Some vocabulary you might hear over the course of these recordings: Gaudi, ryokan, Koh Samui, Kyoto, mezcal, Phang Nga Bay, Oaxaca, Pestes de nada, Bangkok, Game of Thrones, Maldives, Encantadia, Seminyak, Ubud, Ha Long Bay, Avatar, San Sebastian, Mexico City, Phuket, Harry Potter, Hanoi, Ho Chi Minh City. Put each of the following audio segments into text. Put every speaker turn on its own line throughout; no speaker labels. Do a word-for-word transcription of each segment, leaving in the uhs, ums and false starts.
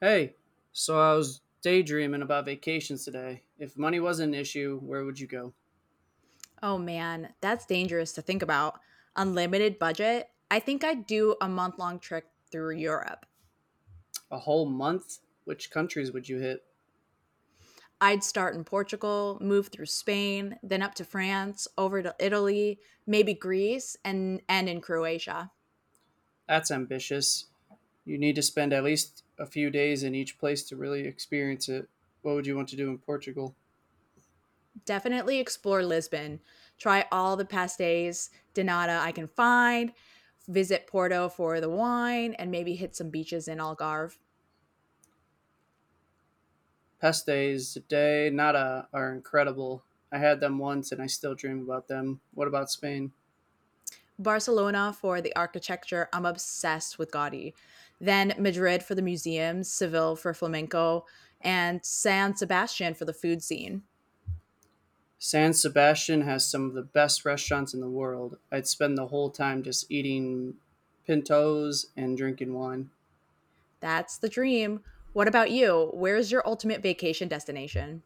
Hey, so I was daydreaming about vacations today. If money wasn't an issue, where would you go?
Oh man, that's dangerous to think about. Unlimited budget? I think I'd do a month long trip through Europe.
A whole month? Which countries would you hit?
I'd start in Portugal, move through Spain, then up to France, over to Italy, maybe Greece, and end in Croatia.
That's ambitious. You need to spend at least a few days in each place to really experience it. What would you want to do in Portugal?
Definitely explore Lisbon. Try all the pastéis de nata I can find, visit Porto for the wine, and maybe hit some beaches in Algarve.
Pestes de nada are incredible. I had them once and I still dream about them. What about Spain?
Barcelona for the architecture. I'm obsessed with Gaudi. Then Madrid for the museums, Seville for flamenco, and San Sebastian for the food scene.
San Sebastian has some of the best restaurants in the world. I'd spend the whole time just eating pintos and drinking wine.
That's the dream. What about you? Where's your ultimate vacation destination?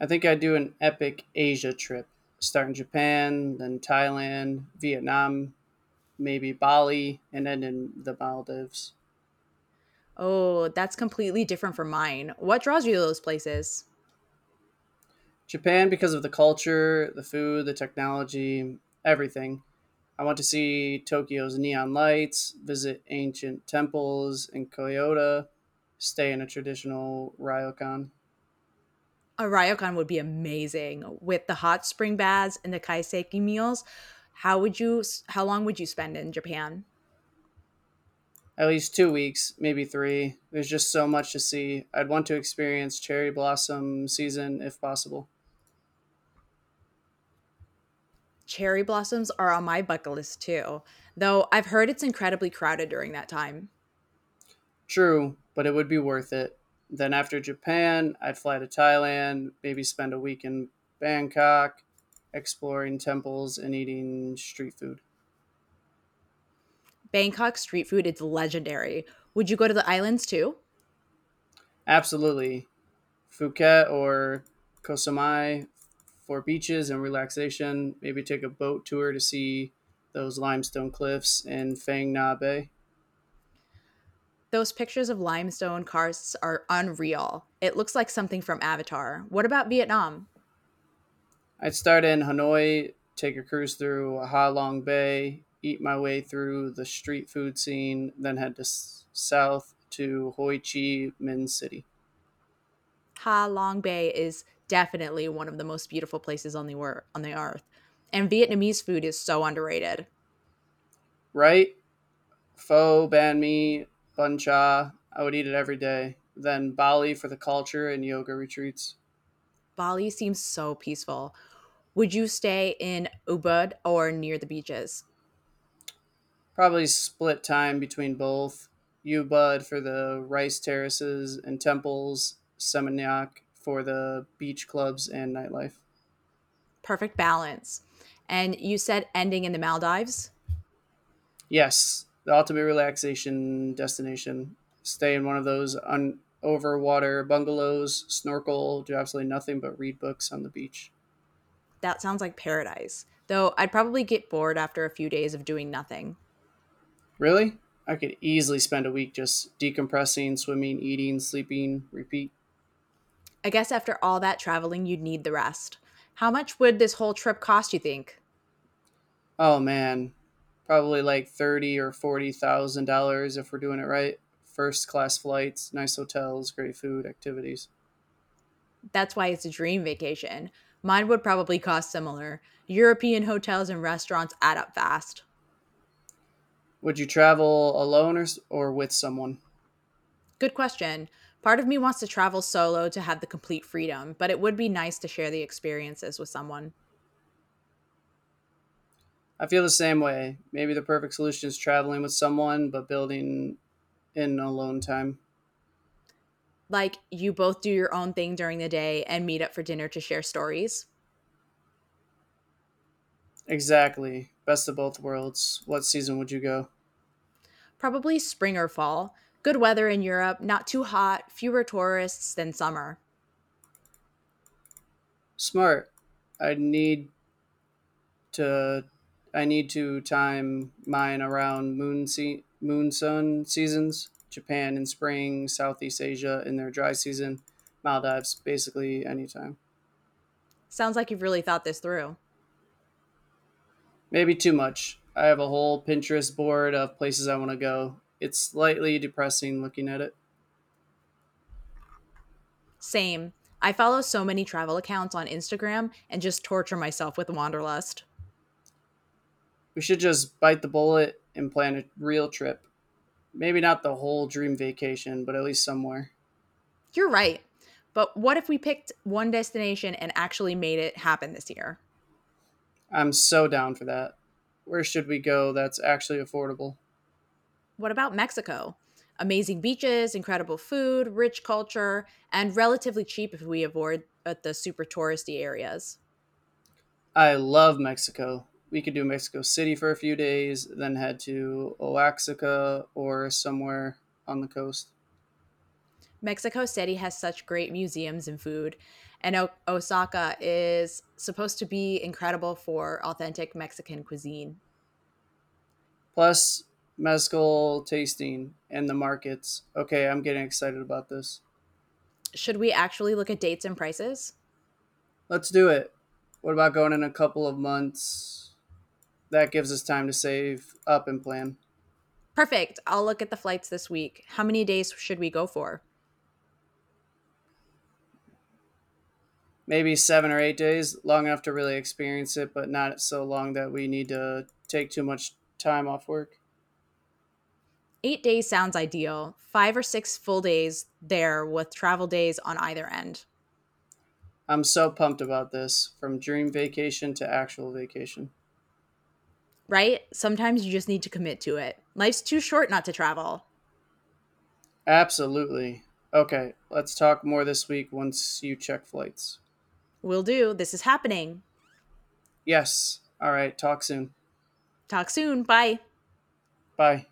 I think I'd do an epic Asia trip, start in Japan, then Thailand, Vietnam, maybe Bali, and end in the Maldives.
Oh, that's completely different from mine. What draws you to those places?
Japan, because of the culture, the food, the technology, everything. I want to see Tokyo's neon lights, visit ancient temples in Kyoto, stay in a traditional ryokan.
A ryokan would be amazing with the hot spring baths and the kaiseki meals. How would you how long would you spend in Japan?
At least two weeks, maybe three. There's just so much to see. I'd want to experience cherry blossom season if possible.
Cherry blossoms are on my bucket list too, though I've heard it's incredibly crowded during that time.
True, but it would be worth it. Then after Japan, I'd fly to Thailand, maybe spend a week in Bangkok, exploring temples and eating street food.
Bangkok street food is legendary. Would you go to the islands too?
Absolutely. Phuket or Koh Samui for beaches and relaxation. Maybe take a boat tour to see those limestone cliffs in Phang Nga Bay.
Those pictures of limestone karsts are unreal. It looks like something from Avatar. What about Vietnam?
I'd start in Hanoi, take a cruise through Ha Long Bay, eat my way through the street food scene, then head to s- south to Ho Chi Minh City.
Ha Long Bay is definitely one of the most beautiful places on the wor- on the earth. And Vietnamese food is so underrated.
Right? Pho, banh mi, bun cha. I would eat it every day. Then Bali for the culture and yoga retreats.
Bali seems so peaceful. Would you stay in Ubud or near the beaches?
Probably split time between both. Ubud for the rice terraces and temples, Seminyak for the beach clubs and nightlife.
Perfect balance. And you said ending in the Maldives.
Yes, the ultimate relaxation destination. Stay in one of those un- over water bungalows, snorkel, do absolutely nothing but read books on the beach.
That sounds like paradise, though I'd probably get bored after a few days of doing nothing.
Really? I could easily spend a week just decompressing, swimming, eating, sleeping, repeat.
I guess after all that traveling, you'd need the rest. How much would this whole trip cost, you think?
Oh man, probably like thirty or forty thousand dollars if we're doing it right. First class flights, nice hotels, great food, activities.
That's why it's a dream vacation. Mine would probably cost similar. European hotels and restaurants add up fast.
Would you travel alone or s- or with someone?
Good question. Part of me wants to travel solo to have the complete freedom, but it would be nice to share the experiences with someone.
I feel the same way. Maybe the perfect solution is traveling with someone, but building in alone time.
Like you both do your own thing during the day and meet up for dinner to share stories.
Exactly. Best of both worlds. What season would you go?
Probably spring or fall. Good weather in Europe, not too hot, fewer tourists than summer.
Smart. I need to. I need to time mine around moon se- moon sun seasons. Japan in spring, Southeast Asia in their dry season, Maldives basically anytime.
Sounds like you've really thought this through.
Maybe too much. I have a whole Pinterest board of places I want to go. It's slightly depressing looking at it.
Same. I follow so many travel accounts on Instagram and just torture myself with wanderlust.
We should just bite the bullet and plan a real trip. Maybe not the whole dream vacation, but at least somewhere.
You're right. But what if we picked one destination and actually made it happen this year?
I'm so down for that. Where should we go that's actually affordable?
What about Mexico? Amazing beaches, incredible food, rich culture, and relatively cheap if we avoid uh, the super touristy areas.
I love Mexico. We could do Mexico City for a few days, then head to Oaxaca or somewhere on the coast.
Mexico City has such great museums and food, and o- Osaka is supposed to be incredible for authentic Mexican cuisine.
Plus, mezcal tasting and the markets. Okay, I'm getting excited about this.
Should we actually look at dates and prices?
Let's do it. What about going in a couple of months? That gives us time to save up and plan.
Perfect. I'll look at the flights this week. How many days should we go for?
Maybe seven or eight days, long enough to really experience it, but not so long that we need to take too much time off work.
Eight days sounds ideal. Five or six full days there with travel days on either end.
I'm so pumped about this from dream vacation to actual vacation.
Right? Sometimes you just need to commit to it. Life's too short not to travel.
Absolutely. Okay, let's talk more this week once you check flights.
Will do. This is happening.
Yes. All right, talk soon.
Talk soon. Bye.
Bye.